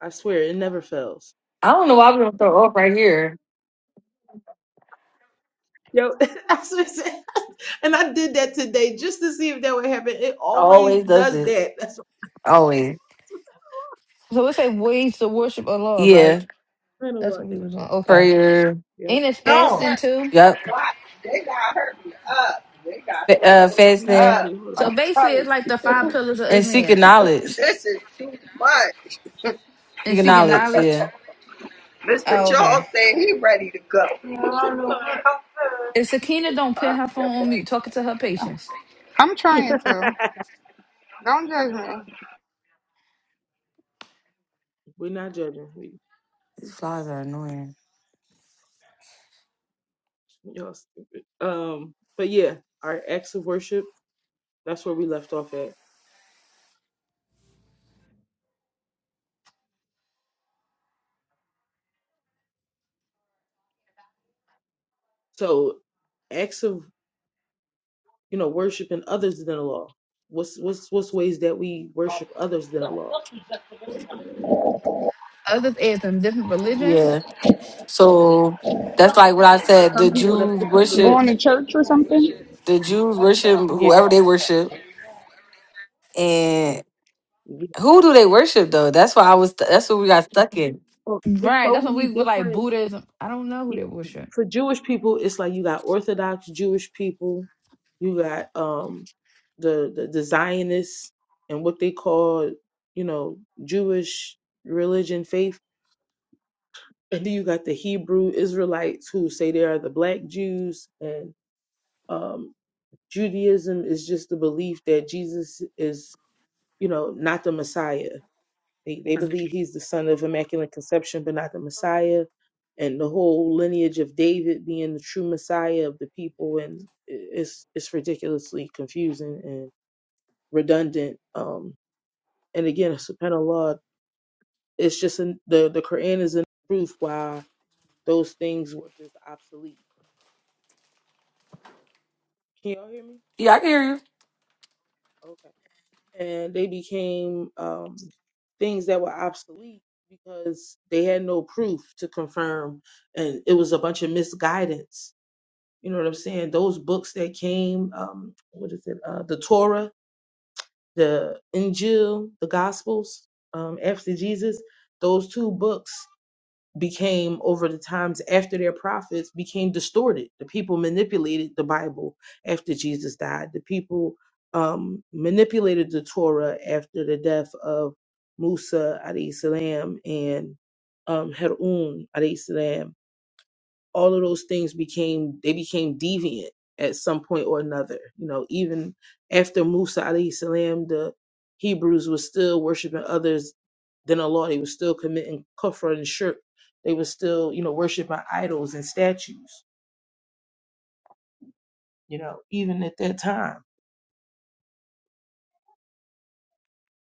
I swear it never fails. I don't know why I'm gonna throw up right here. Yo, I said. and I did that today just to see if that would happen. It I always always does does this. that. That's what Always. So we say ways to worship Allah, right? Yeah. I kind of That's like. what we was on. Okay. Prayer. Yep. Ain't it No, fasting too? Yep. F- uh, Mm, fasting Funny. Hold So on. basically, it's like the five pillars of and seeking Islam knowledge. and Seeking seeking knowledge. knowledge. Yeah. Oh, okay. If Sakina don't put her phone on mute, talking to her patients. I'm trying to. Don't judge me. We're not judging. We These flies are annoying. y'all stupid. Um, but yeah, our acts of worship. That's where we left off at. So, acts of you know worshiping others than Allah. What's what's what's ways that we worship others than Allah? Others add them different religions. Yeah. So that's like what I said. The Some people that's Jews different worship. Going to religion. church or something? The Jews worship Yeah. whoever they worship, and yeah. who do they worship though? That's why I was. That's what we got stuck in. Oh, there's Right. so That's what many we were like different. Buddhism. I don't know who they you- worship. for Jewish people, it's like you got Orthodox Jewish people, you got um the the, the Zionists and what they call you know Jewish religion faith, and then you got the Hebrew Israelites who say they are the Black Jews, and um Judaism is just the belief that Jesus is you know not the Messiah they, they believe he's the son of Immaculate Conception, but not the Messiah. And the whole lineage of David being the true Messiah of the people, and it's it's ridiculously confusing and redundant. Um, and again, subhanallah, it's just an, the the Quran is in proof why those things were just obsolete. Can y'all hear me? Yeah, I can hear you. Okay. And they became um, things that were obsolete because they had no proof to confirm and it was a bunch of misguidance You know what I'm saying? Those books that came, um, what is it? Uh, the Torah, the Injil, the Gospels, um, after Jesus, those two books became over the times after their prophets became distorted. The people manipulated the Bible after Jesus died. The people um, manipulated the Torah after the death of Musa alayhi salam and um, Harun alayhi salam all of those things became they became deviant at some point or another. You know, even after Musa alayhi salam, the Hebrews were still worshiping others than Allah. They were still committing kufr and shirk. They were still, you know, worshiping idols and statues. You know, even at that time.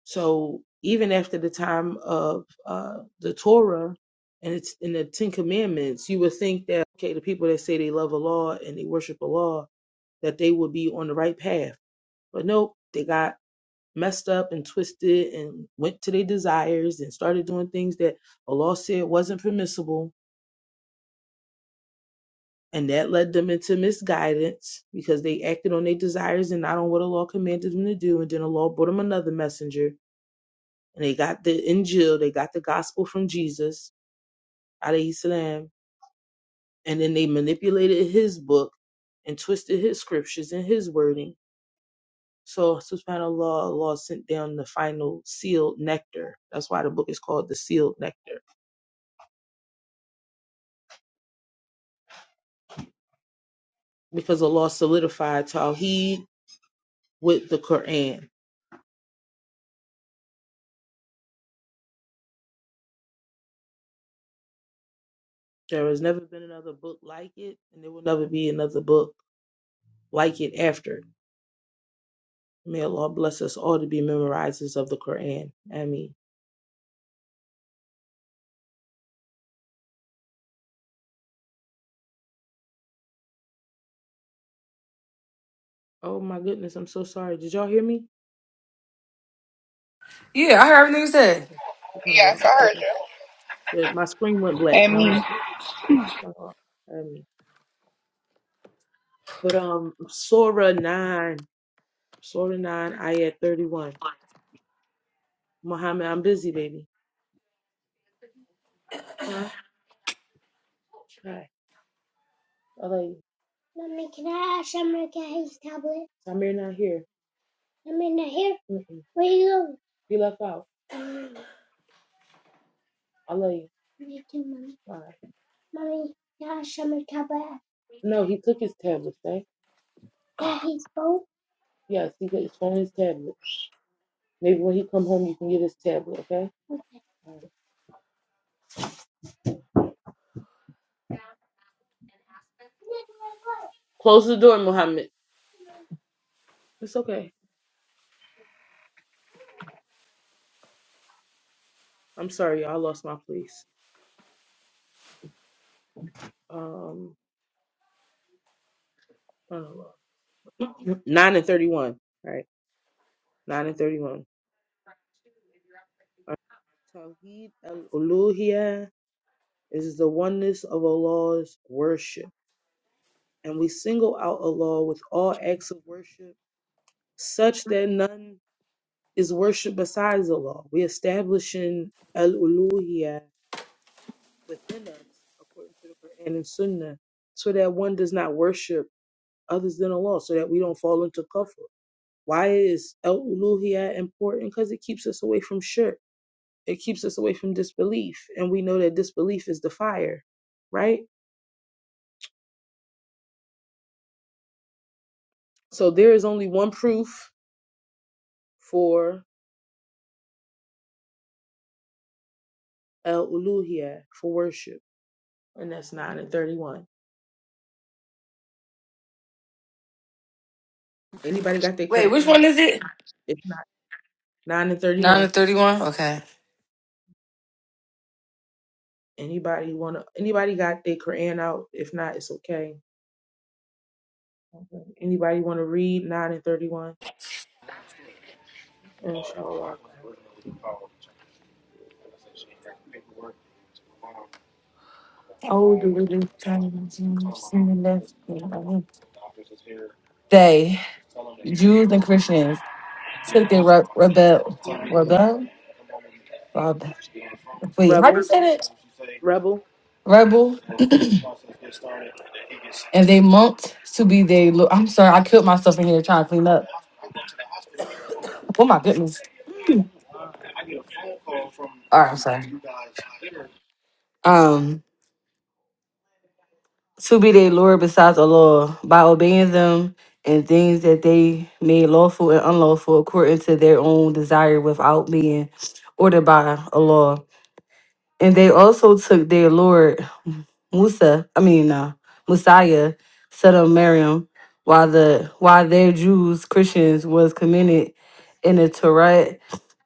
So even after the time of uh, the Torah and it's in the Ten Commandments, you would think that okay, the people that say they love Allah and they worship Allah, that they would be on the right path But nope, they got messed up and twisted and went to their desires and started doing things that Allah said wasn't permissible. And that led them into misguidance because they acted on their desires and not on what Allah commanded them to do. And then Allah brought them another messenger. And they got the Injil, they got the gospel from Jesus, alayhi salam. And then they manipulated his book and twisted his scriptures and his wording So subhanAllah, Allah sent down the final sealed nectar. That's why the book is called the sealed nectar. Because Allah solidified Tawheed with the Quran. There has never been another book like it, and there will never be another book like it after. it. May Allah bless us all to be memorizers of the Quran. Ameen. Oh my goodness, I'm so sorry. Did y'all hear me? Yeah, I heard everything you said. Okay. SubhanAllah. Okay. Good. My screen went black, And and I'm me. like, oh, SubhanAllah. Ameen. But um, Surah 9 Slow to nine. I at 31. Muhammad, I'm busy, baby. Huh? Hi. I love you. Mommy, can I ask Samir get his tablet? Samir not here. Samir not here? Mm-mm. Where you going? He left out. Oh. I love you. Bye. No, he took his tablet, eh? Yes, he got his phone and his tablet. Maybe when he come home, you can get his tablet, okay? All right. Close the door, Muhammad. It's okay. I'm sorry, y'all. I lost my place. Um, I don't know. Nine and thirty-one. All right, nine and thirty-one. Tawheed al-Uluhiyah is the oneness of Allah's worship, and we single out Allah with all acts of worship, such that none is worship besides Allah. We establishing al-Uluhiyah within us, according to the Quran and Sunnah, so that one does not worship others than Allah, so that we don't fall into kufr. Why is al-Uluhiyah important? Because it keeps us away from shirk. It keeps us away from disbelief, and we know that disbelief is the fire, right? So there is only one proof for El Uluhia for worship, and that's nine and thirty-one. Anybody got their Wait, which Quran out? one is it? If not, nine and Nine to thirty-one. thirty-one. Okay. Anybody wanna? Anybody got their Quran out? If not, it's okay. Anybody wanna read nine and thirty-one? Inshallah. older religious denominations in the left wing. They, Jews and Christians, took their re- rebel, rebel, rebel. Wait, how do Rebel, you say that? rebel. Rebel, and they monked to be their. Lo- I'm sorry, I killed myself in here trying to clean up. Oh my goodness. All right, I'm sorry. Um, to be their Lord besides Allah by obeying them and things that they made lawful and unlawful according to their own desire without being ordered by Allah And they also took their Lord Musa, I mean uh, Messiah, son of Miriam, while the while their Jews, Christians, was committed in the Torah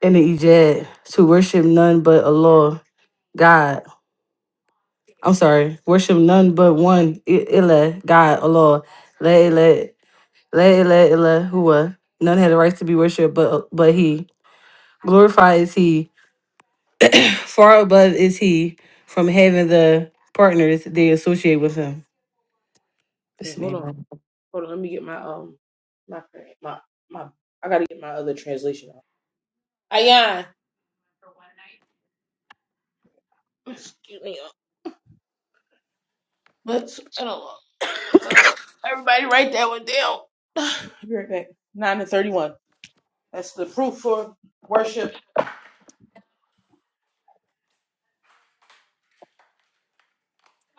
and the Ijad to worship none but Allah, God. I'm sorry, worship none but one I- Ilah, God, Allah. La ilah, la ilah, ilah, huwa. None had the right to be worshipped but but he. Glorified is he Far above is he from having the partners they associate with him. Okay, This hold on, man. hold on. Let me get my um, my Quran- my my. I gotta get my other translation out. Ayan. Excuse me. But Uh, everybody write that one down. I'll be right back. 9 and 31. That's the proof for worship.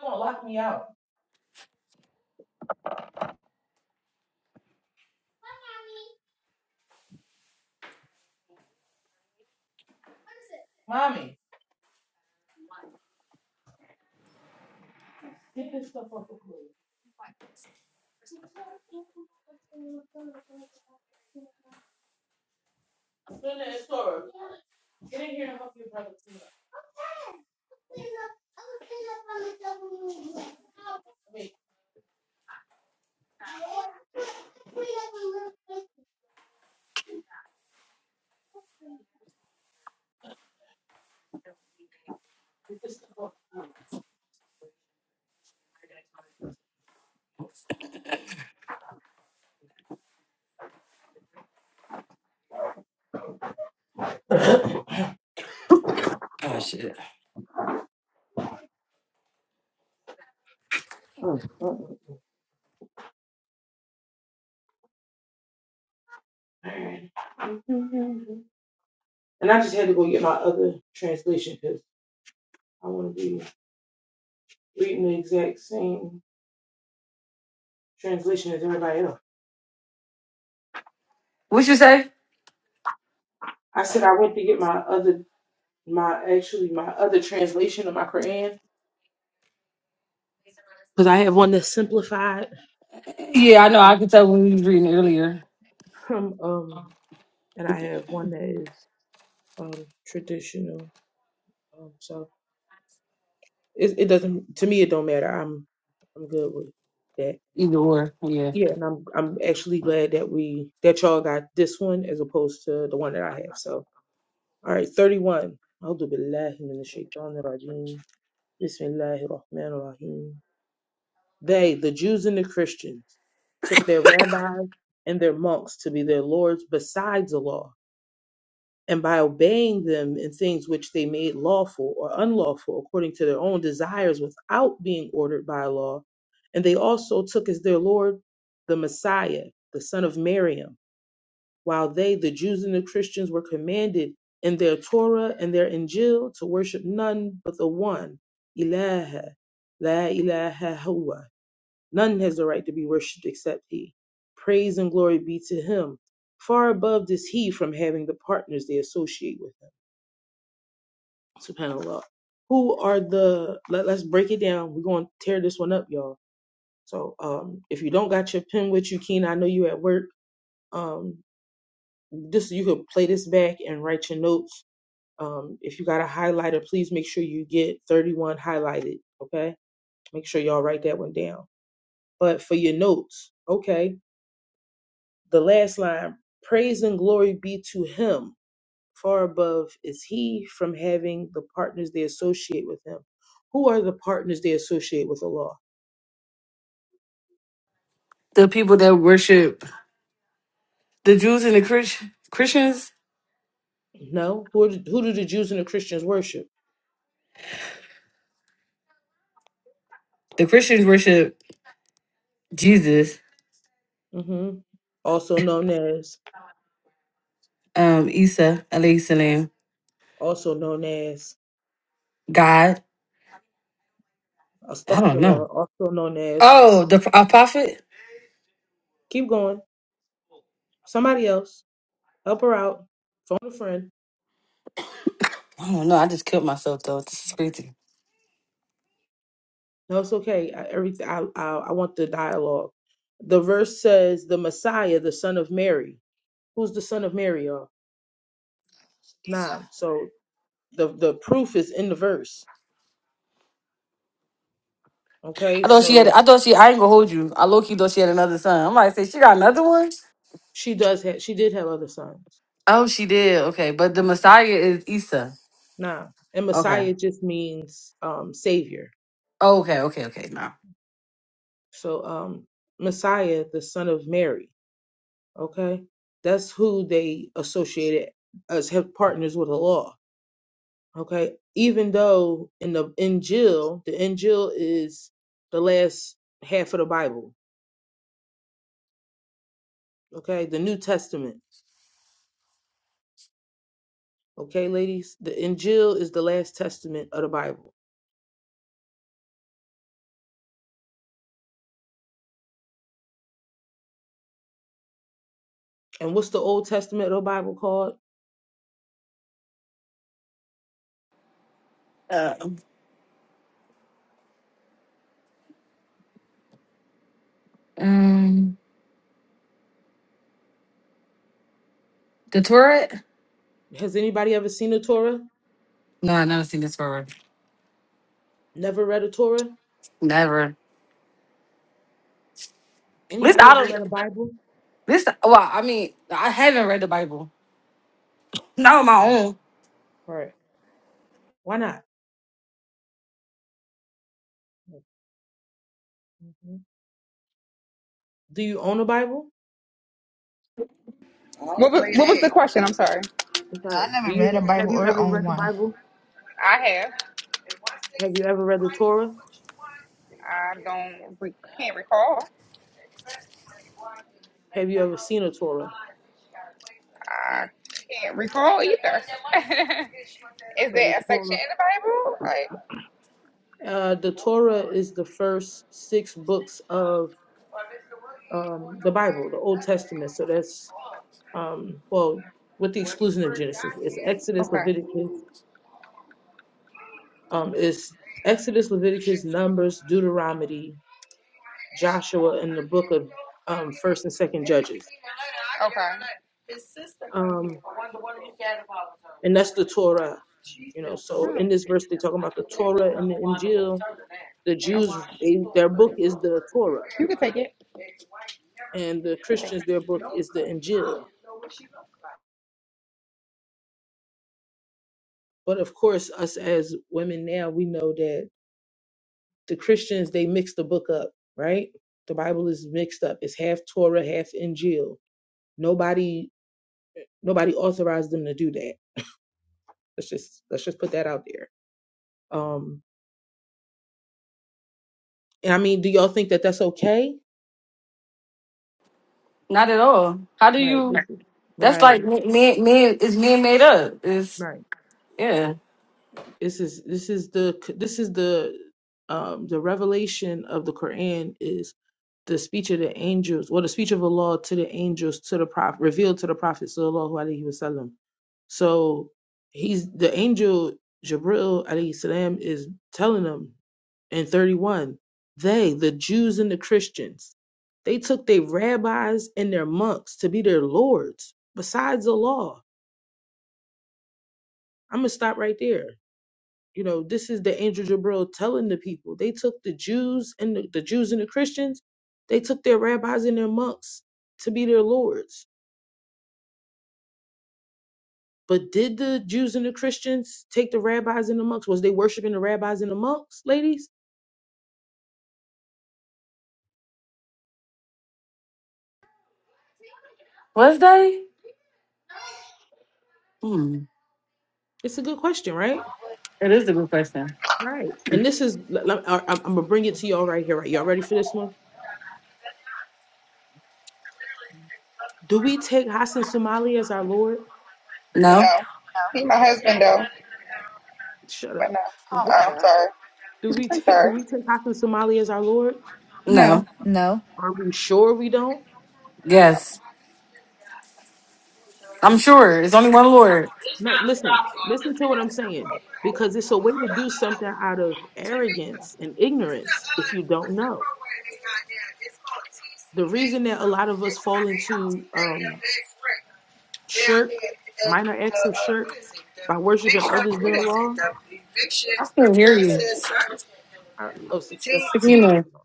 You're gonna lock me out. Mommy, get this stuff off the floor. Spin that store. Get in here and help your brother clean up. I mean, get this stuff off the floor. Oh shit. Alright. And I just had to go get my other translation because I want to be reading the exact same translation as everybody else. What you say? I said I went to get my other my actually my other translation of my Quran because I have one that's simplified Yeah, I know. I could tell when we was reading earlier. um, um and I have one that is um traditional um so it it doesn't to me it don't matter I'm I'm good with that Either or, yeah. yeah and I'm I'm actually glad that we that y'all got this one as opposed to the one that I have so all right 31 أعوذ بالله من الشيطان الرجيم بسم الله الرحمن الرحيم They, the Jews and the Christians, took their rabbis and their monks to be their lords besides the law, and by obeying them in things which they made lawful or unlawful according to their own desires without being ordered by law. And they also took as their Lord the Messiah, the son of Miriam, while they, the Jews and the Christians, were commanded in their Torah and their Injil to worship none but the one, Ilaha, La ilaha huwa None has the right to be worshipped except he. Praise and glory be to him. Far above is he from having the partners they associate with him. SubhanAllah. Who are the let, let's break it down. We're gonna tear this one up, y'all. So um if you don't got your pen with you, Keen, I know you at work. Um this you could play this back and write your notes. Um if you got a highlighter, please make sure you get 31 highlighted. Okay. Make sure y'all write that one down. But for your notes, okay The last line, praise and glory be to him. Far above is he from having the partners they associate with him. Who are the partners they associate with Allah? The people that worship the Jews and the Christ- Christians. No. Who, are the, who do the Jews and the Christians worship? The Christians worship Jesus, hmm Also known as, um, Isa, alayhi salam, also known as, God. I don't know. astaghfirullah, also known as, Oh, the a prophet. keep going. Somebody else, help her out. Phone a friend. I don't know. I just killed myself though. This is crazy. No, it's okay. I, everything. I, I I want the dialogue. The verse says, "The Messiah, the Son of Mary." who's the son of Mary are. Isa. Nam. So the the proof is in the verse. Okay, I thought she had. so I thought she. I ain't gonna hold you. I low key thought she had another son. I'm like, say she got another one. she does have she did have other sons. Oh, she did. Okay, but the Nam. Messiah is Isa. Nam. And Okay. Messiah just means um savior. Oh, okay. Okay. Okay. No. So um Messiah, the son of Mary. Okay. That's who they associated as have partners with the law. Okay. Even though in the Injil, the Injil is the last half of the Bible. Okay. The New Testament Okay, ladies, the Injil is the last testament of the Bible. And what's the Old Testament of the Bible called? Uh, um, the turret. Has anybody ever seen a Torah? No, I never seen this word. Never read a Torah? Never. At least Anybody I ever read a don't. Bible? This. Well, I mean, I haven't read the Bible. Not on my Okay. own. All right. Why not? Mhm. Do you own a Bible? What was, what was the question? I'm sorry. It's all No, right. I Do never read you a have Bible you or ever own read the one. Bible? I have. Have you ever read the Torah? I don't re- can't recall. Have you ever seen a Torah? I can't recall either. Is So the there a section Torah, in the Bible? Like uh, the Torah is the first six books of um, the Bible, the Old Testament. So that's um, well, with the exclusion of Genesis, it's Exodus, okay, Leviticus, um, it's Exodus, Leviticus, Numbers, Deuteronomy, Joshua, and the book of um, First and Second Judges, okay, um, and that's the Torah. You know, so in this verse, they're talking about the Torah and the Injil. The Jews, okay. they, their book is the Torah, You can take it. You and the can take Christians, it. their book is the Injil. But of course, us as women now, we know that the Christians they mix the book up, right? The Bible is mixed up. It's half Torah, half Injil. Nobody nobody authorized them to do that. Let's just let's just put that out there. Um and I mean, do y'all think that that's okay? Not at all. How do Right. you? this is- That's like Right. me. me me- It's man made up. It's Right. yeah. This is this is the this is the um the revelation of the Quran is the speech of the angels, or the speech of Allah to the angels, to the prophet, revealed to the prophet sallallahu alaihi wasallam. So he's the angel Jibril alayhi salam is telling them in 31, they, the Jews and the Christians, they took their rabbis and their monks to be their lords besides the law. I'm gonna stop right there. You know, this is the angel Jabril telling the people. They took the Jews and the, the Jews and the Christians, they took their rabbis and their monks to be their lords. But did the Jews and the Christians take the rabbis and the monks? Was they worshiping the rabbis and the monks, ladies? Was they? Hmm. It's a good question, right? It is a good question. Right. And this is, l- l- I- I'm going to bring it to y'all right here, right? Y'all ready for this one? Do we take Hassan Somali as our Lord? No. No, he my husband though. Shut But up. no, Oh my Oh, What? I'm God. sorry. Do we, I'm t- do sorry. we take Hassan Somali as our Lord? No. No. No. Are we sure we don't? Yes. I'm sure. It's only one Tell- Lord. No, listen, listen to what I'm saying. Because it's a way to do something out of arrogance and ignorance if you don't know. The reason that a lot of us fall into um, shirk, minor acts of shirk, by worshiping others than Allah, I can hear you. I, oh, Se- that's Sakina might Sakina. be on.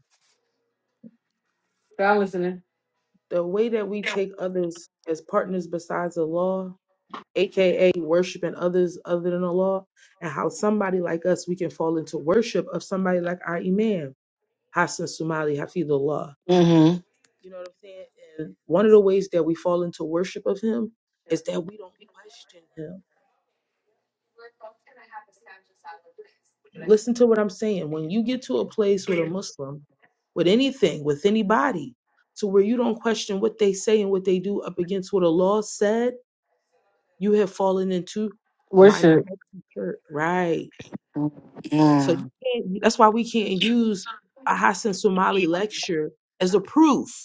I'm listening. The way that we take others as partners besides Allah, aka worshiping others other than Allah, and how somebody like us, we can fall into worship of somebody like our Imam, Hassan Sumali, Hafidullah Mm-hmm. You know what I'm saying? And one of the ways that we fall into worship of him is that we don't question him. Listen to what I'm saying. When you get to a place with a Muslim, with anything, with anybody, to where you don't question what they say and what they do up against what a law said, you have fallen into minor Worship. extra church. Right. So you Mm. can't, that's why we can't use a Hassan Somali lecture as a proof.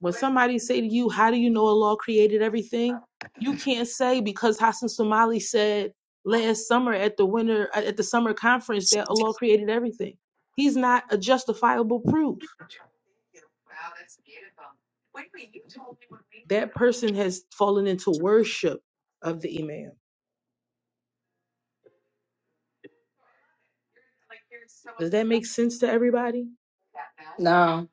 When somebody say to you, "How do you know Allah created everything?" You can't say because Hassan Somali said last summer at the winter uh, at the summer conference that Allah created everything. He's not a justifiable proof. That person has fallen into worship of the Imam. Does that make sense to everybody? No.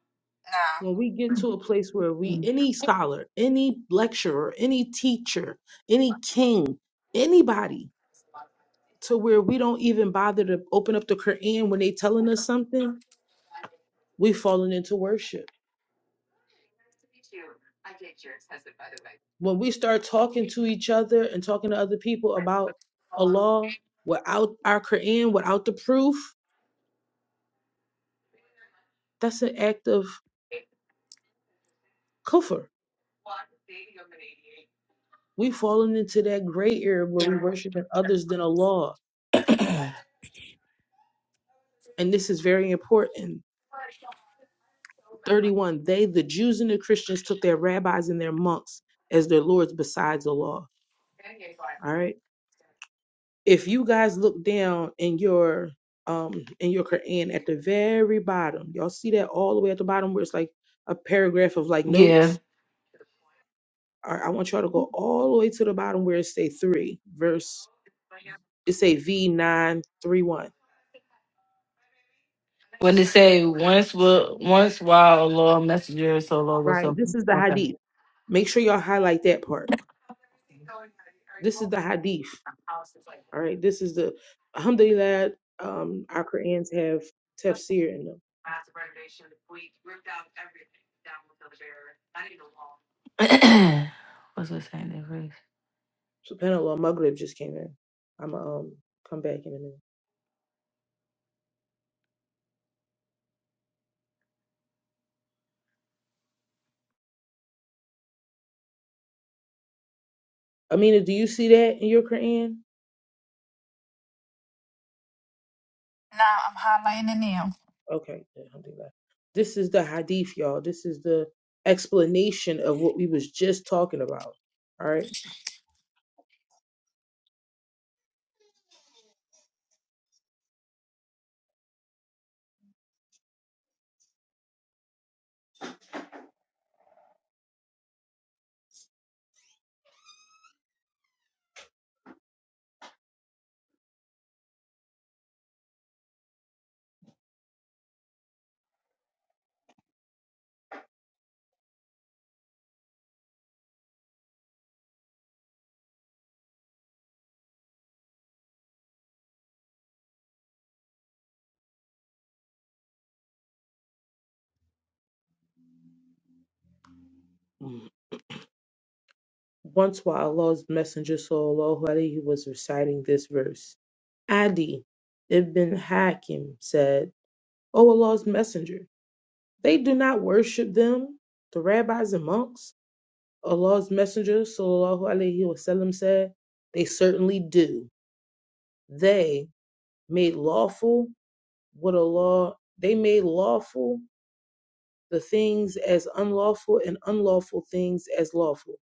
When Nah, we get to a place where we, any scholar, any lecturer, any teacher, any king, anybody, to where we don't even bother to open up the Quran when they telling us something, we've fallen into worship. When we start talking to each other and talking to other people about a law without our Quran, without the proof, that's an act of kufr. We've fallen into that gray area where we worshiping others than Allah. And this is very important. 31. They, the Jews and the Christians, took their rabbis and their monks as their lords besides the law. All right if you guys look down in your um in your Quran at the very bottom, y'all see that all the way at the bottom where it's like a paragraph of like yeah. notes. All right, I want y'all to go all the way to the bottom where it say three verse. It say V nine three one. When they say once will once while a long messenger so long or Right. This something. is the Okay. hadith. Make sure y'all highlight that part. This is the hadith. All right. This is the alhamdulillah. Um, our Qurans have tafsir in them. What's the saying in Greece? Subhanallah, Maghrib just came in. I'm um come back in a minute. Amina, do you see that in your Quran? nah. I'm highlighting it now. Okay, good, alhamdulillah. This is the hadith, y'all. This is the explanation of what we was just talking about. All right. Mm. Once while Allah's Messenger sallallahu alaihi was reciting this verse, Adi ibn Hakim said, "O Allah's Messenger, they do not worship them, the rabbis and monks." Allah's Messenger sallallahu alaihi wasallam said, "They certainly do. They made lawful." what a law they made lawful the things as unlawful and unlawful things as lawful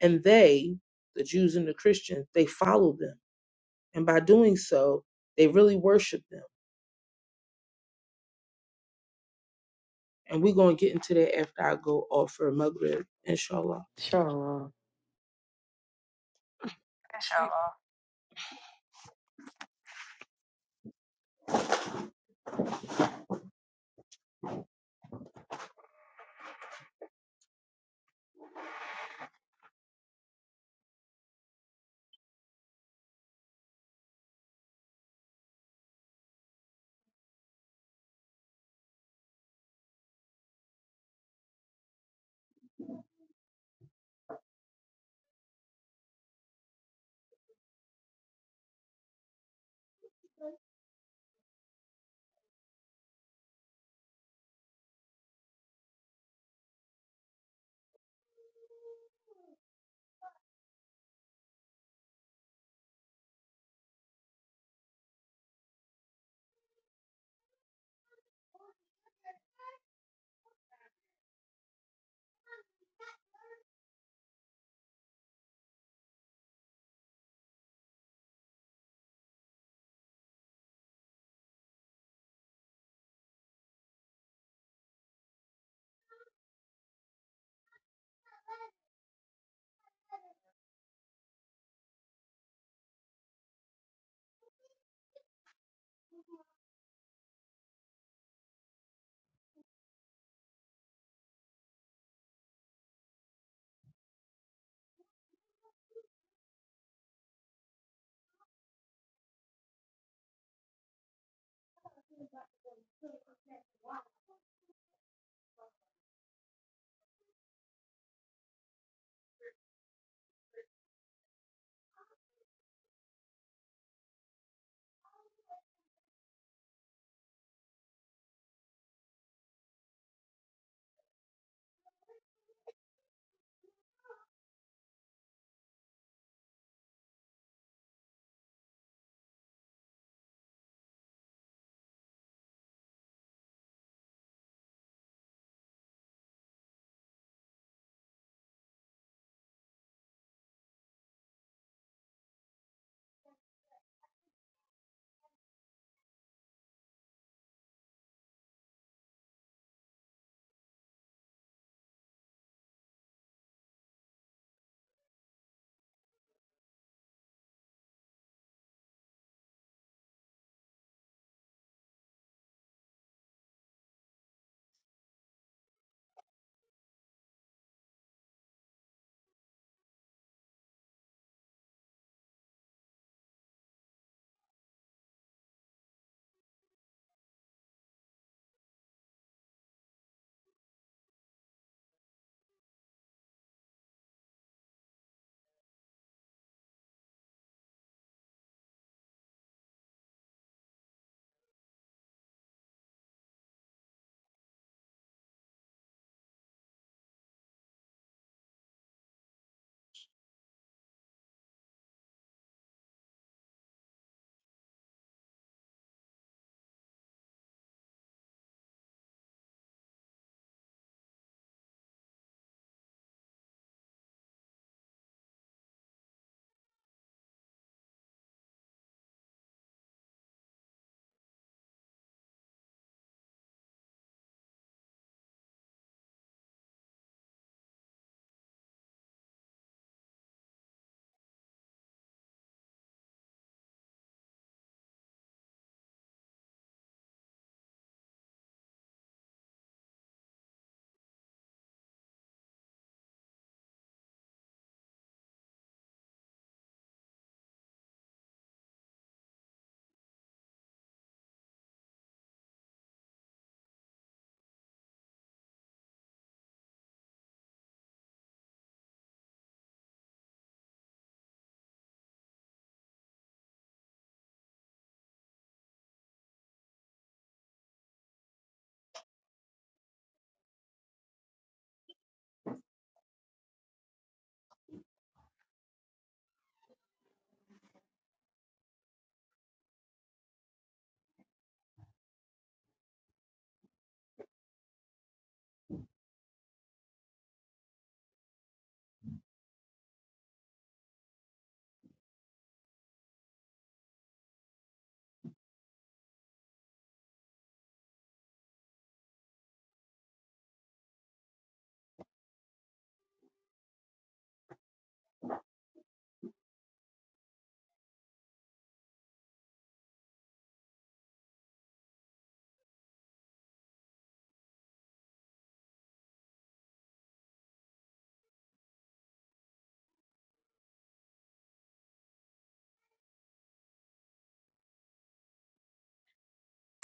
and they the jews and the christians they followed them and by doing so they really worshiped them and we're going to get into that after i go off for maghrib inshallah Sure. Inshallah.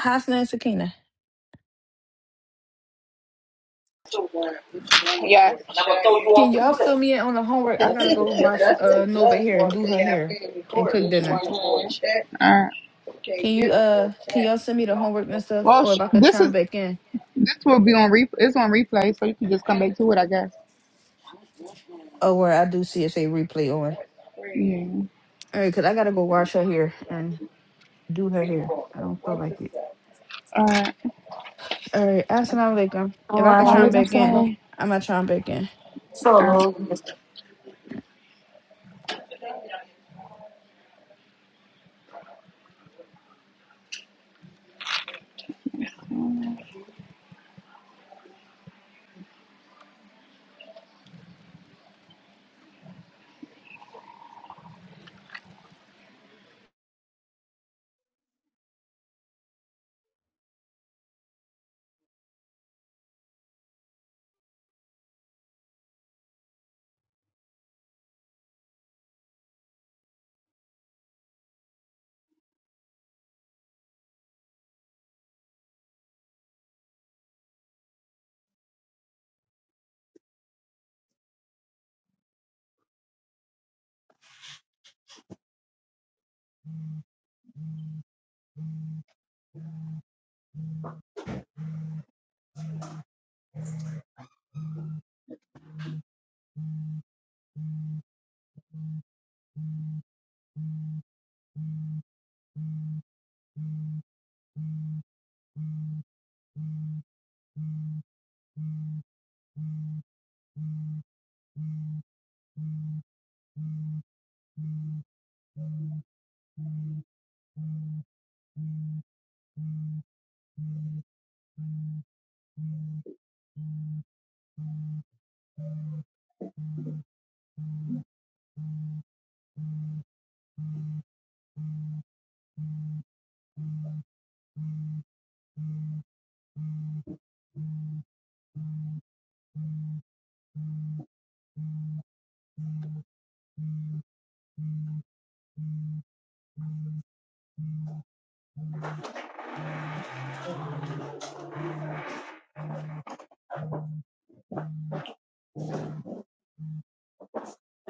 Hasna and Sakina. Yes. All Can y'all fill me in on the homework? I gotta go wash uh Nova hair, do her hair, and cook dinner. right. Can you uh can y'all send me the homework and stuff, Well, or sh- if I could this chime is back in? this will be on replay. It's on replay, so you can just come back to it, I guess. Oh, where I do see it's a replay on. Yeah. All right, cause I gotta go wash her hair and do her hair. I don't feel like it. All right. All right, assalamu alaikum. If I could chime Malikum back in, salam. I'm not chime back in. All right.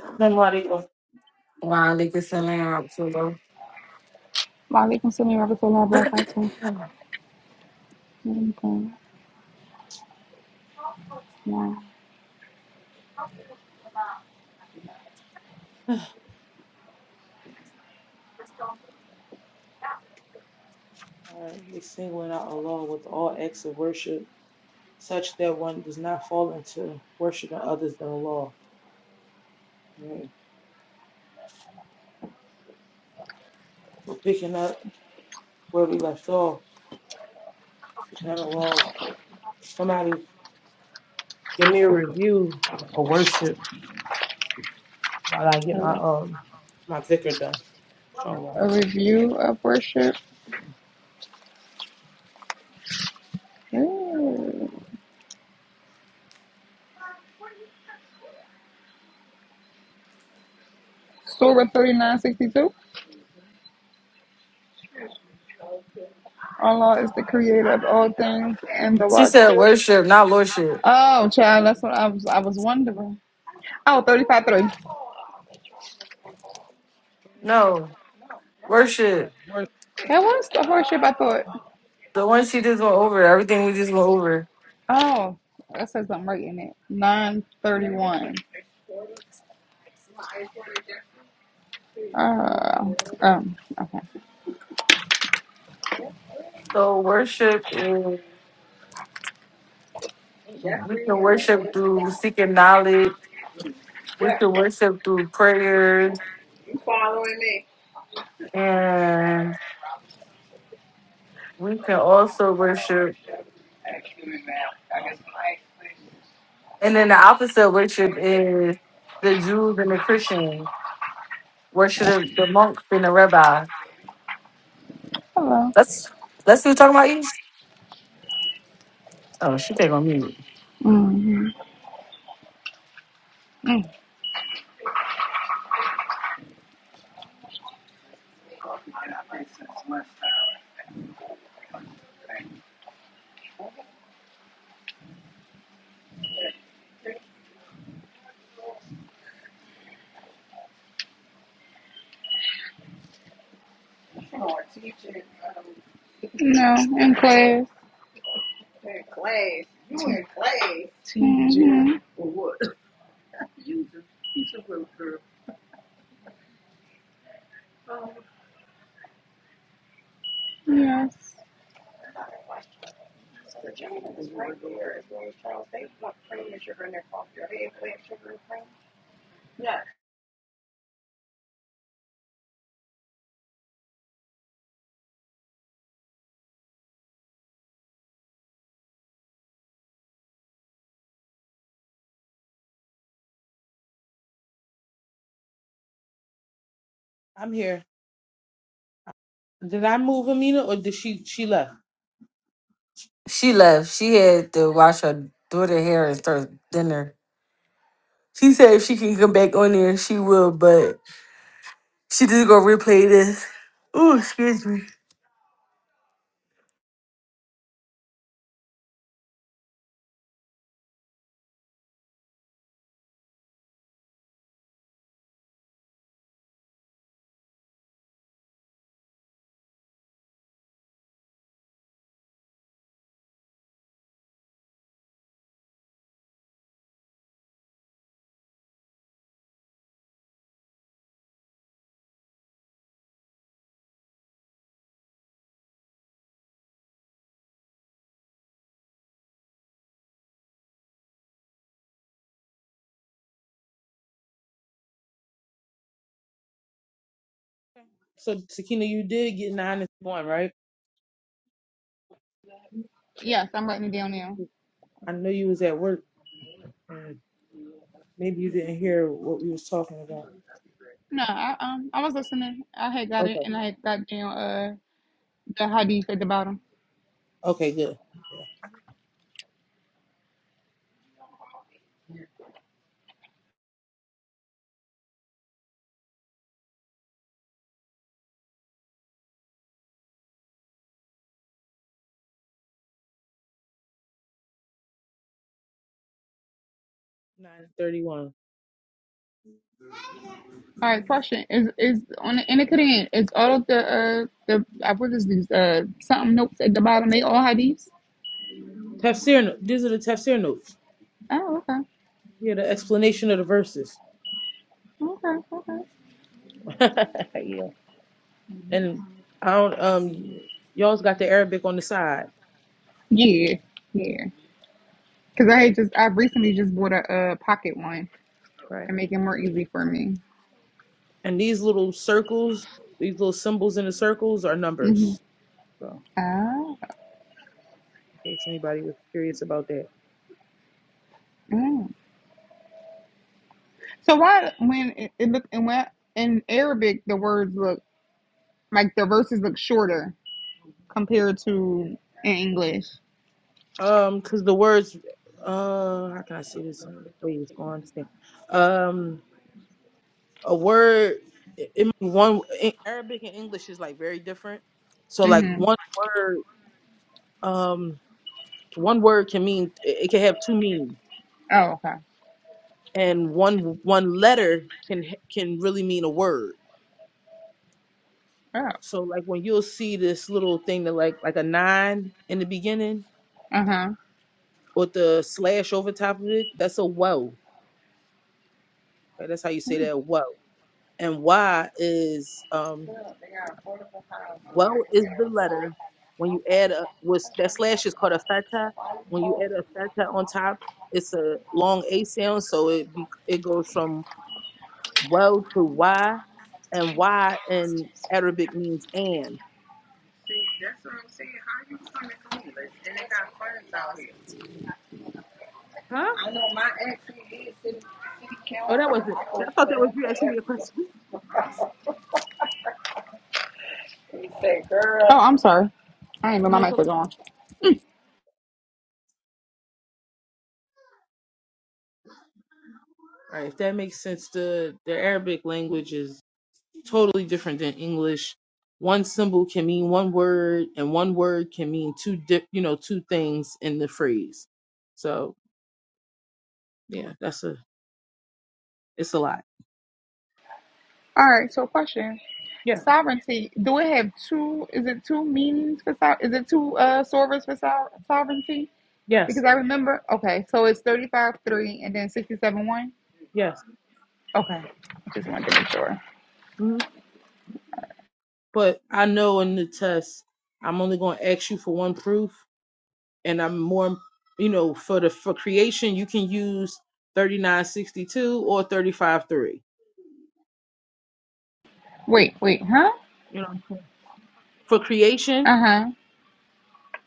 Assalamu alaikum. Wow, they could send her out so low. Malikum salam. Rahmatullah barakatuh. Okay. Wow. All right, we singling out allah with all acts of worship such that one does not fall into worshiping others than Allah. Right? So picking up where we left off, and Allah, somebody give me a review of worship while I get my Okay. um my vicar done. Inshallah. A review of worship. Ooh. Surah 3962. Allah is the creator of all things and the She what? said worship, not lordship. Oh, child, that's what I was I was wondering. Oh, 35 three. Go ahead and read No. it. Yeah, Worship. worship. worship. That was the horseship I thought. The one she just went over, everything we just went over. Oh, that says I'm right in it. 931. Uh, um, okay. So worship is we can worship through seeking knowledge. We can worship through prayers And we can also worship, and then the opposite of worship is the Jews and the Christians worship the monks and the rabbi. Hello. Let's let's see what talking about East. Oh, she back on me. hmm No, in class. hmm Yes. I'm here. Did I move Amina or did she she left? She left. She had to wash her daughter hair and start dinner. She said if she can come back on there, she will, but she just gonna replay this. Ooh, excuse me. So Sakina, you did get nine and one, right? Yes, I'm writing it I down know now. you. I know you was at work. Maybe you didn't hear what we was talking about. No, I um I was listening. I had got it Okay. and I had got down uh the hadith at the bottom. Okay, good. Yeah. 931. All right, question is is on the in the Quran is all of the uh the I what is these uh something notes at the bottom they all hadiths? Tafsir, no- these are the tafsir notes. Oh okay Yeah, the explanation of the verses. okay okay yeah. And I don't, um, y- y'all's got the Arabic on the side, Yeah, yeah. Because I had just I recently just bought a, uh pocket one right? to make it more easy for me. And these little circles, these little symbols in the circles are hmm numbers. So, Ah, in case anybody was curious about that. mm. So why when it, it look and when in Arabic the words look like the verses look shorter compared to in English. Um, because the words, uh, how can I say this in a way it's going to understand? Um, a word, it, it mean one in Arabic and English is like very different. So like Mm-hmm. one word, um, one word can mean it, it can have two meanings, Oh, okay. and one one letter can h- can really mean a word. Oh, So like when you'll see this little thing that like like a nine in the beginning uh huh. with the slash over top of it, that's a wow. Okay, that's how you say that wow. and Y is um well is the letter when you add a was that slash is called a feta. When you add a feta on top, it's a long A sound, so it be, it goes from well to Y, and Y in Arabic means and. Huh? Oh, that wasn't. I thought that was you asking me a question. Oh, I'm sorry. I ain't know my No, it's mic okay. was on. All right, if that makes sense, the the Arabic language is totally different than English. One symbol can mean one word, and one word can mean two di- you know two things in the phrase. So yeah, that's a it's a lot. All right. So question: Yeah. Sovereignty. Do it have two? Is it two meanings for so? Is it two uh sovereigns for so- sovereignty? Yes. Because I remember, okay, so it's 35 3 and then 67 1. Yes. Okay, I just wanted to make sure. Mhm. But I know in the test, I'm only going to ask you for one proof, and I'm more you know for the for creation you can use 3962 or thirty five three. Wait, wait, huh? You know for creation Uh huh.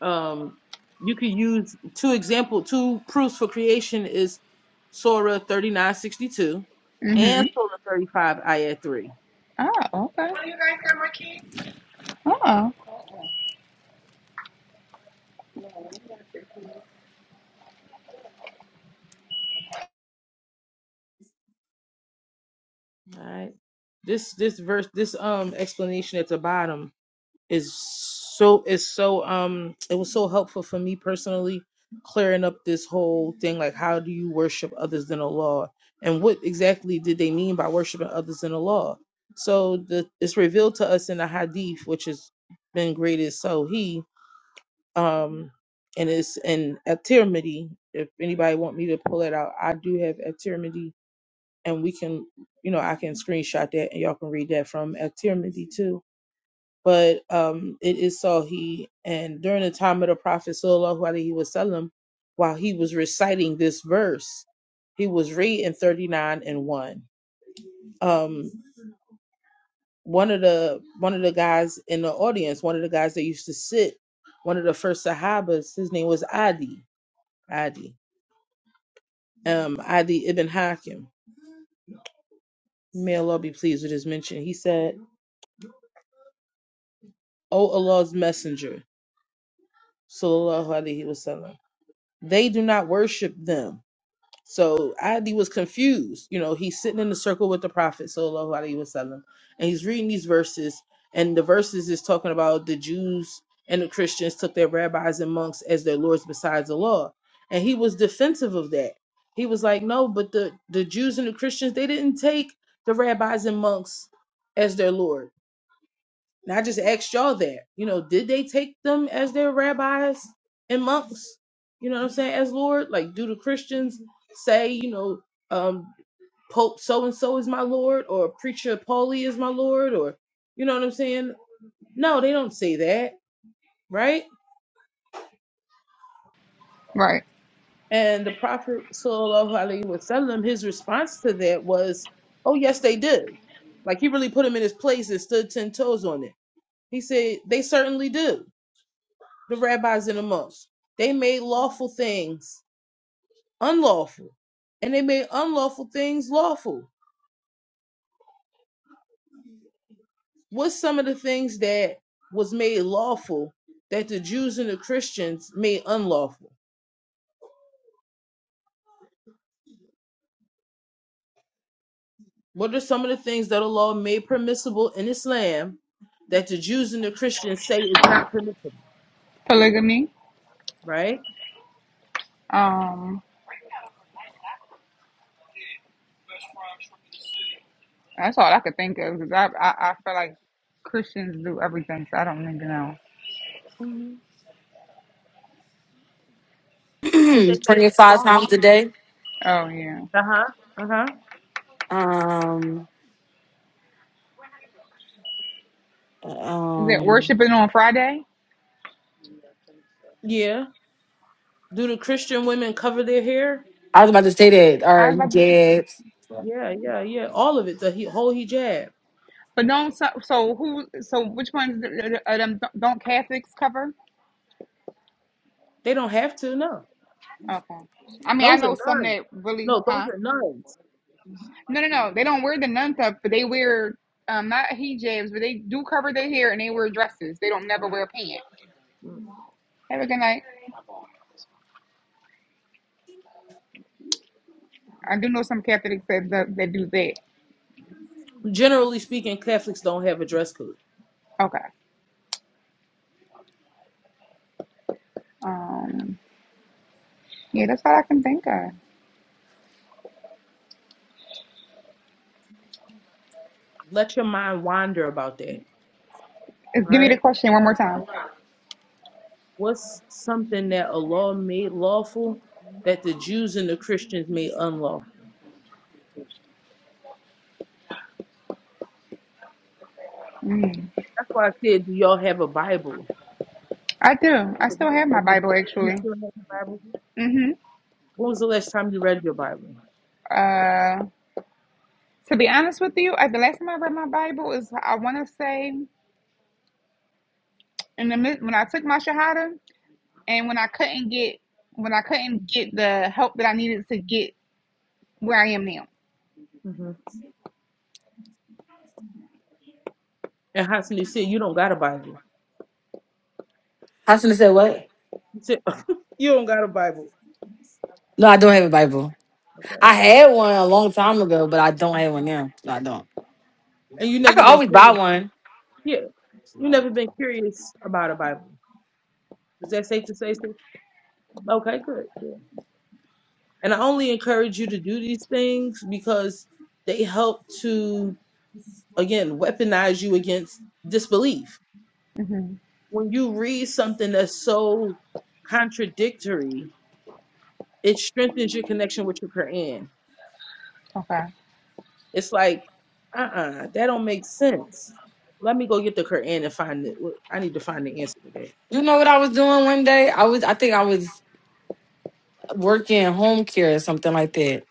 Um, you could use two example two proofs for creation is Surah thirty nine sixty two and Mm hmm. Surah thirty five ayat three. Oh, okay. Oh, This this verse this um explanation at the bottom is so is so um it was so helpful for me personally clearing up this whole thing like how do you worship others than Allah and what exactly did they mean by worshiping others than Allah so the it's revealed to us in the hadith which has been graded so he um and it's in at Tirmidhi if anybody want me to pull it out I do have at Tirmidhi and we can you know I can screenshot that and y'all can read that from at Tirmidhi too but um, it is so he and during the time of the prophet sallallahu alaihi wasallam, while he was reciting this verse, he was reading thirty nine and one. Um, one of the one of the guys in the audience, one of the guys that used to sit, one of the first Sahabas, his name was Adi Adi um, Adi ibn Hakim. May Allah be pleased with his mention. He said, "O Allah's Messenger, sallallahu alaihi wasallam, they do not worship them." So Adi was confused. You know, he's sitting in the circle with the Prophet Sallallahu Alaihi Wasallam, and he's reading these verses, and the verses is talking about the Jews and the Christians took their rabbis and monks as their lords besides the law. And he was defensive of that. He was like, No, but the, the Jews and the Christians, they didn't take the rabbis and monks as their lord and I just asked y'all that, you know, did they take them as their rabbis and monks? You know what I'm saying? As Lord, like, do the Christians say, you know, um, Pope so and so is my Lord, or Preacher Paulie is my Lord, or you know what I'm saying? No, they don't say that, right? right. And the Prophet Sallallahu Alaihi Wasallam, his response to that was, Oh, yes, they did. Like he really put him in his place and stood ten toes on it. He said, They certainly do. the rabbis and the monks. They made lawful things unlawful, and they made unlawful things lawful. What's some of the things that was made lawful that the Jews and the Christians made unlawful? What are some of the things that Allah made permissible in Islam that the Jews and the Christians say is not permissible, Polygamy. right? Um, that's all I could think of because I, I, I feel like Christians do everything, so I don't need to know. Mhm. But they made it Twenty-five times a lawful. day. Oh, yeah. Uh huh. Uh huh. Um, Is it um, worshiping on Friday? Yeah. Do the Christian women cover their hair? I was about to say that. All I was right, about to, jabs. Yeah, yeah, yeah. All of it. The he- whole hijab. but don't, so, so who, so which ones are them, don't Catholics cover? They don't have to. No, Okay. I mean, I those are know some nuns. that really, No, those huh? are nuns. No, no, no. They don't wear the nun stuff, but they wear um not hijabs, but they do cover their hair and they wear dresses. They don't never wear pants. Have a good night. I do know some Catholics that that, that do that. Generally speaking, Catholics don't have a dress code. Okay. Um. Yeah, that's all I can think of. Let your mind wander about that. Uh, All Give me right. the question one more time. What's something that Allah made lawful that the Jews and the Christians made unlawful? That's why I said, do y'all have a Bible? I do. I Have you, still have my have you, Bible you actually. still have your Bible? Mm-hmm. When was the last time you read your Bible? Uh, to be honest with you, I, the last time I read my Bible is I want to say in the mid, when I took my shahada and when I couldn't get when I couldn't get the help that I needed to get where I am now. hmm And Hassan, you said, you don't got a Bible. Hassan said what? You said, you don't got a Bible. No, I don't have a Bible. Okay. I had one a long time ago, but I don't have one now. No, I don't. And you I never could been always buy clear. one. Yeah. You never been curious about a Bible. Is that safe to say? So? Okay, good, good. And I only encourage you to do these things because they help to, again, weaponize you against disbelief. hmm When you read something that's so contradictory, it strengthens your connection with your Quran. Okay. It's like, uh-uh, that don't make sense. Let me go get the Quran and find it. Wh- I need to find the answer to that. You know what I was doing one day? I was, I think I was working home care or something like that.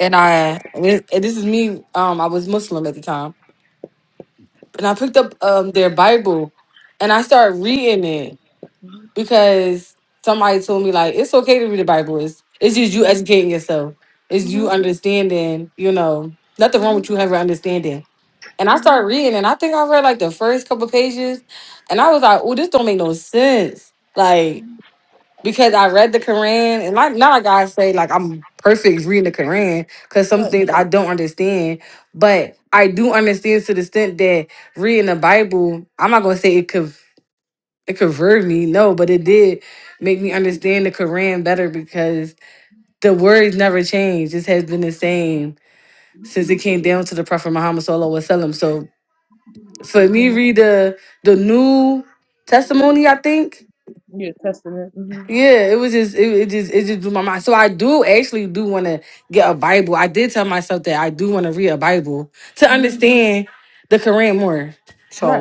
And I, and this is me. Um, I was Muslim at the time, and I picked up um their Bible, and I started reading it Mhm. because somebody told me like it's okay to read the Bible. It's it's just you educating yourself. It's you understanding. You know, nothing wrong with you having understanding And I started reading, and I think I read like the first couple pages, and I was like, "Oh, this don't make no sense." Like because I read the Quran, and like not like I say like I'm perfect reading the Quran because some Right. things I don't understand, but I do understand to the extent that reading the Bible, I'm not gonna say it could it converted me, no, but it did make me understand the Quran better because the words never changed. This has been the same since it came down to the Prophet Muhammad Sallallahu Alaihi Wasallam. So for me Mhm. read the the new testimony i think Yeah, testing it. yeah it was just it, it just it just blew my mind so i do actually do want to get a bible i did tell myself that i do want to read a bible to hmm understand the quran more Right.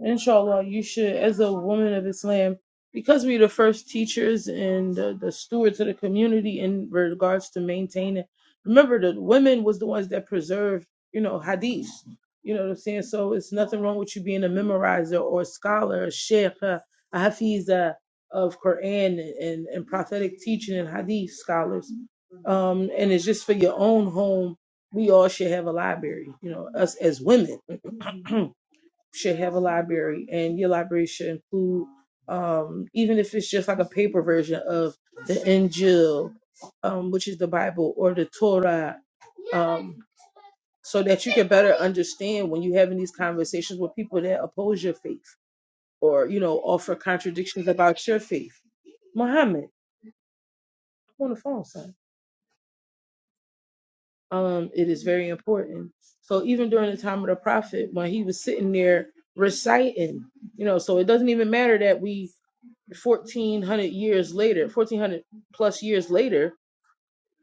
Inshallah, you should, as a woman of Islam, because we're the first teachers and the, the stewards of the community in regards to maintaining. Remember, the women was the ones that preserved, you know, hadith. You know what I'm saying? So it's nothing wrong with you being a memorizer or a scholar, a sheikh, a, a hafiza of Quran and, and prophetic teaching and hadith scholars. Um, and it's just for your own home. We all should have a library, you know, us as women. should have a library, and your library should include, um, even if it's just like a paper version of the Injil, um, which is the Bible, or the Torah, um, so that you can better understand when you're having these conversations with people that oppose your faith or you know offer contradictions about your faith. Muhammad, I'm on the phone, son. Um, it is very important. So even during the time of the prophet, when he was sitting there reciting, you know, so it doesn't even matter that we fourteen hundred years later, fourteen hundred plus years later,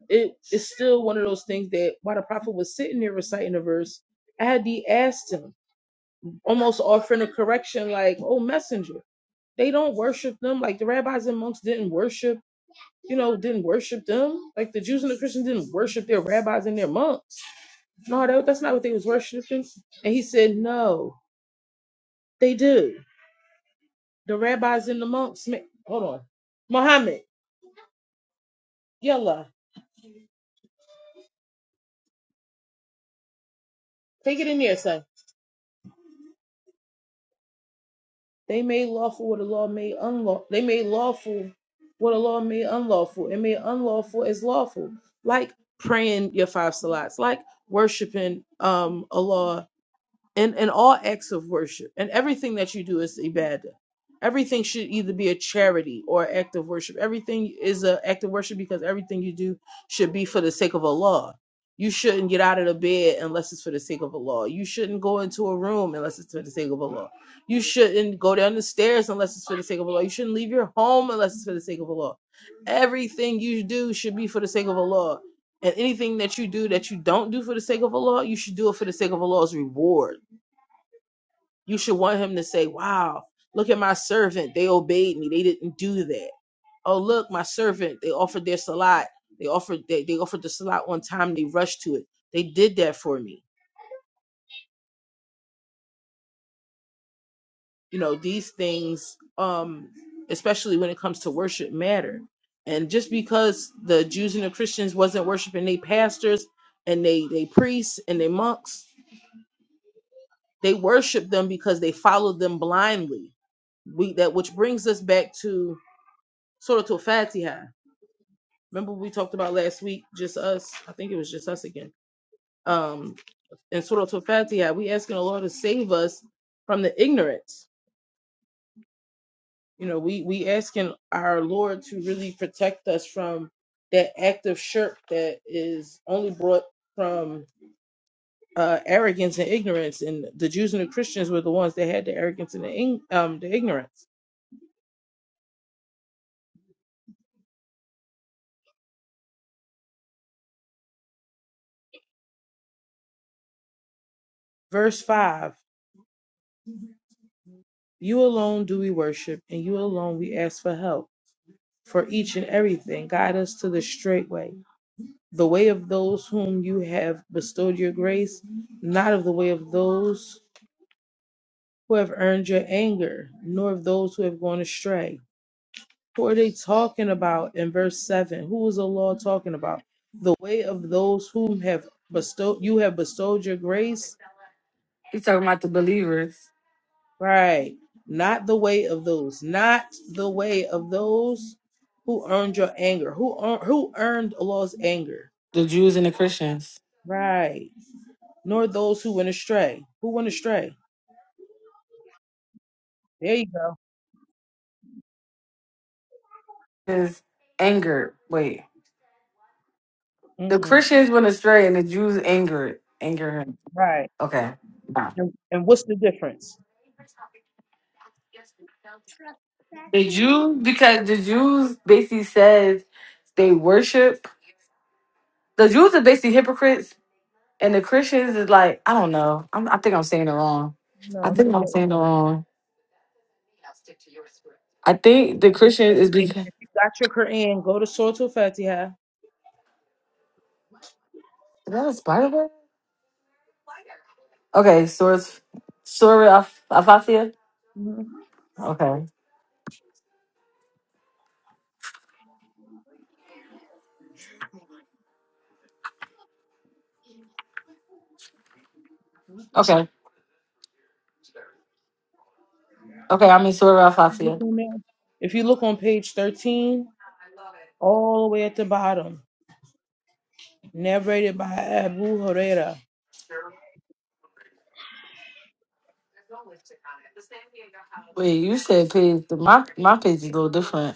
it is still one of those things that while the prophet was sitting there reciting the verse, Adi asked him, almost offering a correction, like, "Oh messenger, they don't worship them. Like the rabbis and monks didn't worship, you know, didn't worship them. Like the Jews and the Christians didn't worship their rabbis and their monks. No, that, that's not what they was worshiping." And he said, "No, they do. The rabbis and the monks. ma- Hold on, Muhammad, yalla, take it in there, son." They made lawful what the law made unlawful. They made lawful what the law made unlawful, and made unlawful as lawful, like praying your five salats, like worshiping um Allah in, in all acts of worship and everything that you do is ibadah. Everything should either be a charity or an act of worship. Everything is an act of worship because everything you do should be for the sake of Allah. You shouldn't get out of the bed unless it's for the sake of Allah. You shouldn't go into a room unless it's for the sake of Allah. You shouldn't go down the stairs unless it's for the sake of Allah. You shouldn't leave your home unless it's for the sake of Allah. Everything you do should be for the sake of Allah. And anything that you do that you don't do for the sake of Allah, you should do it for the sake of Allah's reward you should want him to say, Wow, look at my servant. They obeyed me. They didn't do that. Oh, look, my servant. They offered their salat. They offered they, they offered the salat on time. They rushed to it. They did that for me. You know, these things, um, especially when it comes to worship, matter. And just because the Jews and the Christians wasn't worshiping they pastors and they they priests and they monks, they worshiped them because they followed them blindly we that which brings us back to Surah Al Fatiha. remember we talked about last week, just us. I think it was just us again. Um, in Surah Al Fatiha, we asking the Lord to save us from the ignorance. You know, we we asking our Lord to really protect us from that act of shirk that is only brought from uh, arrogance and ignorance. And the Jews and the Christians were the ones that had the arrogance and the, ing- um, the ignorance. Verse five: You alone do we worship, and you alone we ask for help for each and everything. Guide us to the straight way. the way of those whom you have bestowed your grace, not of the way of those who have earned your anger, nor of those who have gone astray. Who are they talking about in verse 7? Who is the law talking about? The way of those whom have bestowed you have bestowed your grace? he's talking about the believers Right. Not the way of those, not the way of those who earned your anger. Who earn, who earned Allah's anger? the jews and the christians Right. Nor those who went astray. Who went astray? There you go is angered wait the Mm-mm. christians went astray and the jews angered angered him Right. okay nah. And, and what's the difference? the jews because the jews basically says they worship the jews are basically hypocrites And the Christians is like, I don't know. I'm, I think I'm saying it wrong. No, I it's think okay. I'm saying it wrong. I think the Once you Christians make- is because If you got your Quran, go to Surah Al-Fatiha. is that a spider web? Okay, Source Sora Af- Afasia. Mhm. Okay, okay, okay. i mean in Sora Look Afasia. on there. If you look on page 13, all the way at the bottom, narrated by Abu Huraira. Wait, you said page. My my page is a little different.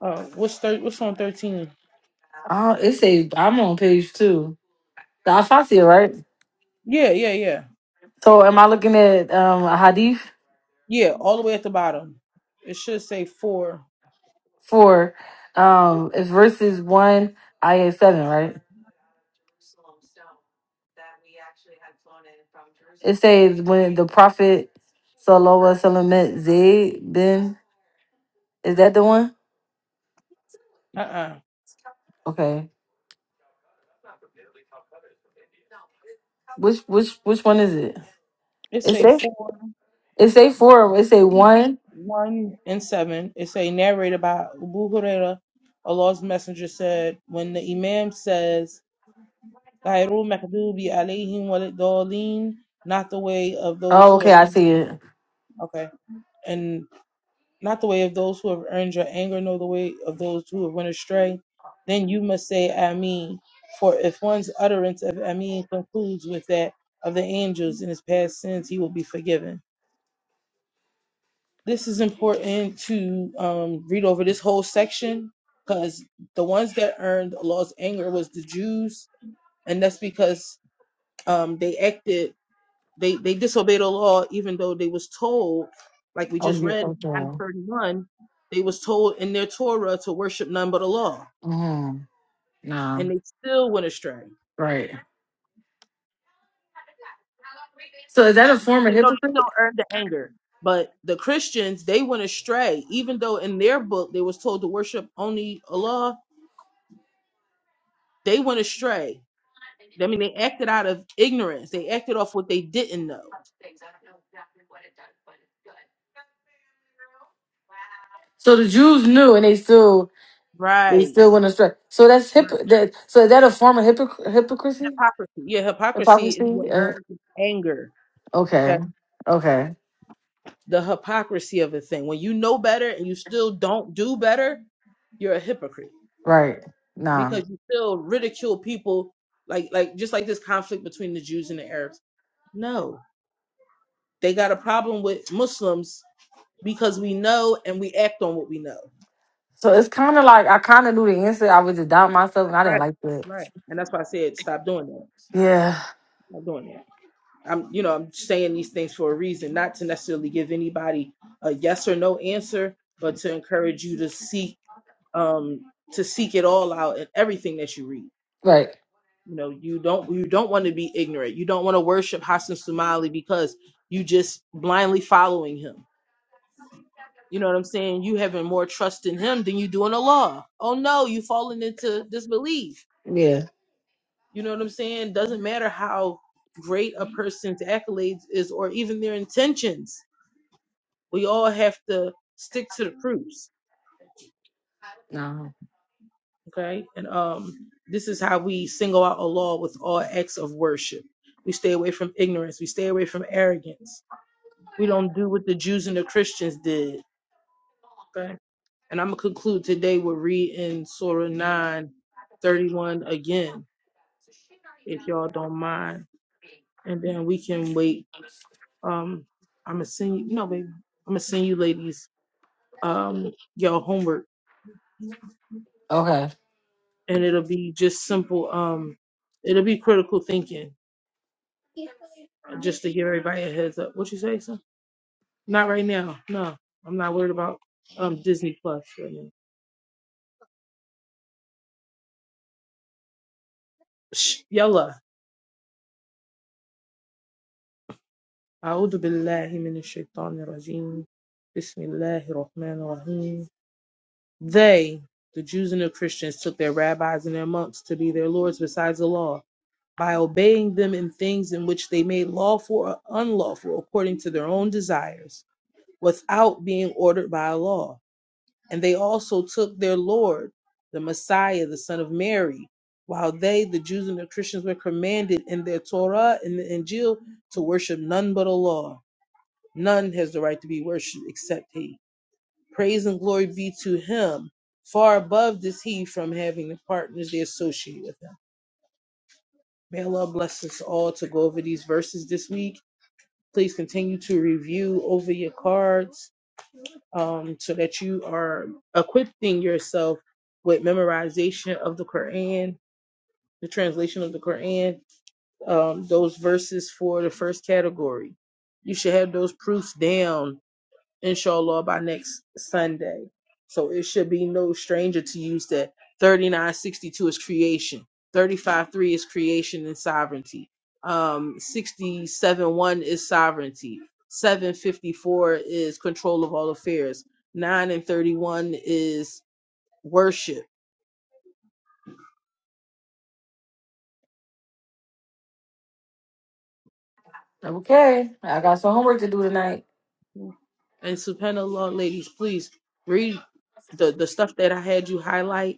Uh, what's thir- What's on 13? Oh, it says I'm on page two. The Afasia, right? Yeah, yeah, yeah. So am I looking at um a hadith? Yeah, all the way at the bottom. It should say four. for um it's verses one IA seven, right? It says when the prophet Salowa Salamet Zayd Ben is that the one? Uh-uh. Okay. Which which which one is it? It It say say four. it say four. It say one. 1 and 7, it say narrated by Abu Huraira, Allah's messenger said, when the imam says, "Ghayrul maghdubi alayhim waliddallin," not the way of those Oh, who okay, have I see it. okay, and not the way of those who have earned your anger, nor the way of those who have went astray, then you must say Ameen. For if one's utterance of Ameen concludes with that of the angels in his past sins, he will be forgiven. This is important to um, read over this whole section because the ones that earned Allah's anger was the Jews, and that's because um, they acted, they they disobeyed Allah even though they was told, like we Oh just yeah, read in okay. Hadith 31, they was told in their Torah to worship none but Allah, Mm-hmm. Nah. and they still went astray. Right. So is that a form And they of know they still hypocrite? earned the anger. But the Christians, they went astray. Even though in their book they was told to worship only Allah, they went astray I mean, they acted out of ignorance. They acted off what they didn't know. So the Jews knew and they still They Right. still want to astray. So that's hip. Right. That, so is that a form of hypocr- hypocrisy, Hypocrisy. Yeah, hypocrisy is what hypocrisy? Uh, earns you anger. Okay. okay, okay, The hypocrisy of a thing. When you know better and you still don't do better, you're a hypocrite right. Nah. because you still ridicule people like like just like this conflict between the Jews and the Arabs. No. They got a problem with Muslims because we know and we act on what we know. So it's kind of like I kind of knew the answer. I was just doubting myself, and I didn't Right. like that. Right. And that's why I said stop doing that. Yeah. Stop doing that. I'm, you know, I'm saying these things for a reason, not to necessarily give anybody a yes or no answer, but to encourage you to seek, um, to seek it all out in everything that you read. Right. You know, you don't, you don't want to be ignorant. You don't want to worship Hassan Somali because you just blindly following him. You know what I'm saying? You having more trust in him than you do in Allah. Oh no, you falling into disbelief. Yeah. You know what I'm saying? Doesn't matter how great a person's accolades is or even their intentions we all have to stick to the proofs No. okay and um this is how we single out allah with all acts of worship we stay away from ignorance we stay away from arrogance we don't do what the jews and the christians did okay and i'm gonna conclude today with reading surah 9:31 again if y'all don't mind and then we can wait um i'm gonna send you no baby i'm gonna send you ladies um your homework Okay. and it'll be just simple. Um, it'll be critical thinking, uh, just to give everybody a heads up. What you say, son? Not right now. No, I'm not worried about um Disney Plus right now. Shh, Yalla. أعوذ بالله من الشيطان الرجيم بسم الله الرحمن الرحيم They, the Jews and the Christians, took their rabbis and their monks to be their lords besides the law, by obeying them in things in which they made lawful or unlawful according to their own desires, without being ordered by a law And they also took their Lord, the Messiah, the Son of Mary, while they, the Jews and the Christians, were commanded in their Torah and the Injil to worship none but Allah. None has the right to be worshipped except He. Praise and glory be to Him. Far above is He from having the partners they associate with Him. May Allah bless us all to go over these verses this week. Please continue to review over your cards um, so that you are equipping yourself with memorization of the Quran, the translation of the Quran, um, those verses for the first category. You should have those proofs down inshallah by next Sunday. So it should be no stranger to use that. 3962 is creation. Thirty five three is creation and sovereignty. Um sixty seven one is sovereignty. 754 is control of all affairs. 9 and 31 is worship. Okay. I got some homework to do tonight. And subhanallah ladies, please read the the stuff that I had you highlight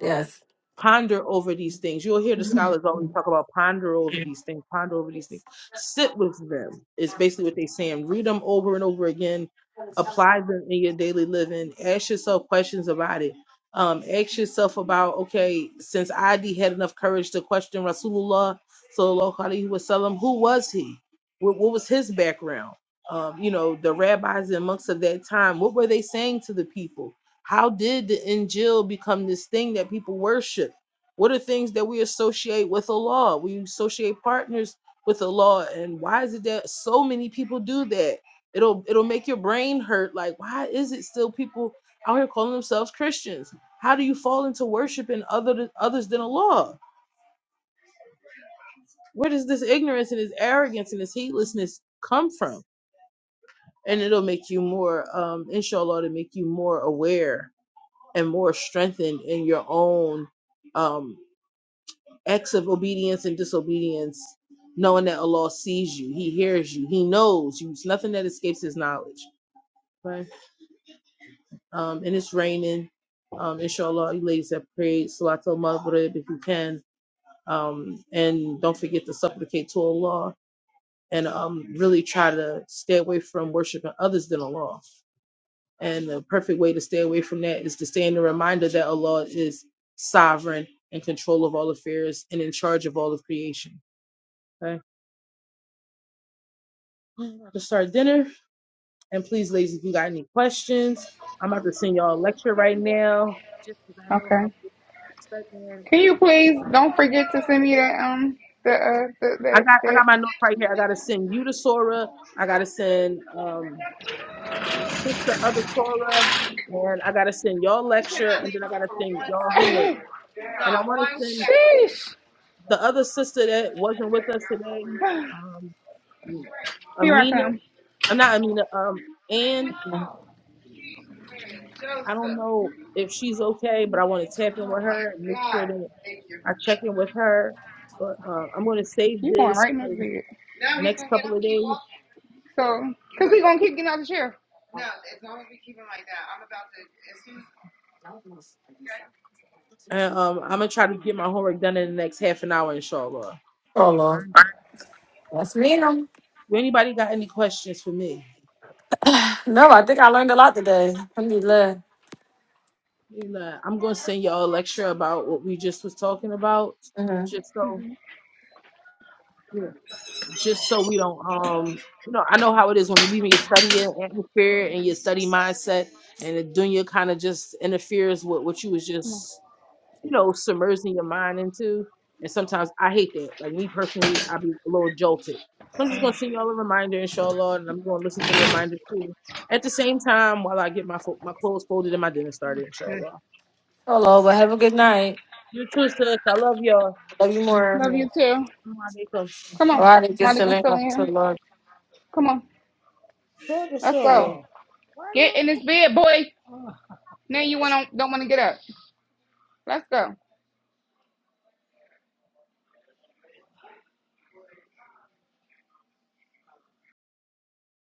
Yes. Ponder over these things. You'll hear the scholars always talk about ponder over these things, ponder over these things. Sit with them is basically what they're saying. Read them over and over again. Apply them in your daily living. Ask yourself questions about it. Um, ask yourself about, okay, since ID had enough courage to question Rasulullah, sallallahu alaihi wasallam, who was he? What, what was his background? Um, you know, the rabbis and monks of that time, what were they saying to the people? How did the Injil become this thing that people worship? What are things that we associate with the law? We associate partners with the law, and why is it that so many people do that? It'll it'll make your brain hurt. Like, why is it still people out here calling themselves Christians? How do you fall into worshiping other others than the law? Where does this ignorance and this arrogance and this heedlessness come from? And it'll make you more, um, inshallah, to make you more aware and more strengthened in your own um, acts of obedience and disobedience, knowing that Allah sees you, He hears you, He knows you. It's nothing that escapes His knowledge. Right. Um, and it's raining. Um, inshallah, you ladies have prayed Salatul Maghrib if you can. Um, and don't forget to supplicate to Allah and um, really try to stay away from worshiping others than Allah. And the perfect way to stay away from that is to stay in the reminder that Allah is sovereign in control of all affairs and in charge of all of creation. Okay. I'm about to start dinner. And please, ladies, if you got any questions, I'm about to send y'all a lecture right now. Just because I know how Okay. good you're Can you please don't forget to send me that um the uh I the got I that got my notes right here. I gotta send you to Sora. I gotta send um this the other Sora. And I gotta send y'all lecture and then I gotta send y'all homework. And I that wanna send sheesh. the other sister that wasn't with us today, um, Here I Amina, come. I'm not Amina, um, Ann, I don't know if she's okay, but I want to tap in with her and make sure that I check in with her. But uh, I'm going to save You going this right in for the the bed. next couple of days. So, cause we gonna keep getting out of the chair. And um, I'm going to try to get my homework done in the next half an hour, inshallah. Oh All Lord. right. That's me. No, Do anybody got any questions for me? No, I think I learned a lot today. I'm just glad. You know, I'm going to send y'all a lecture about what we just was talking about, Mm-hmm. just so, yeah. just so we don't um you know i know how it is when you're leaving your study atmosphere and your study mindset and the dunya kind of just interferes with what you was Come on. just you know submerging your mind into and sometimes i hate that like me personally i be a little jolted so i'm just going to send y'all a reminder inshallah and i'm going to listen to the reminder too at the same time while i get my fo- my clothes folded and my dinner started inshallah Oh Lord. Well, have a good night. you too sis i love y'all Love you more. Love you too. Assalamu alaikum. Come All on, right. Just Malik. to I'm learn. still in here. Lord. Come on. Sure, Let's sure. go. Get in this bed, boy. Now you want don't want to get up. Let's go.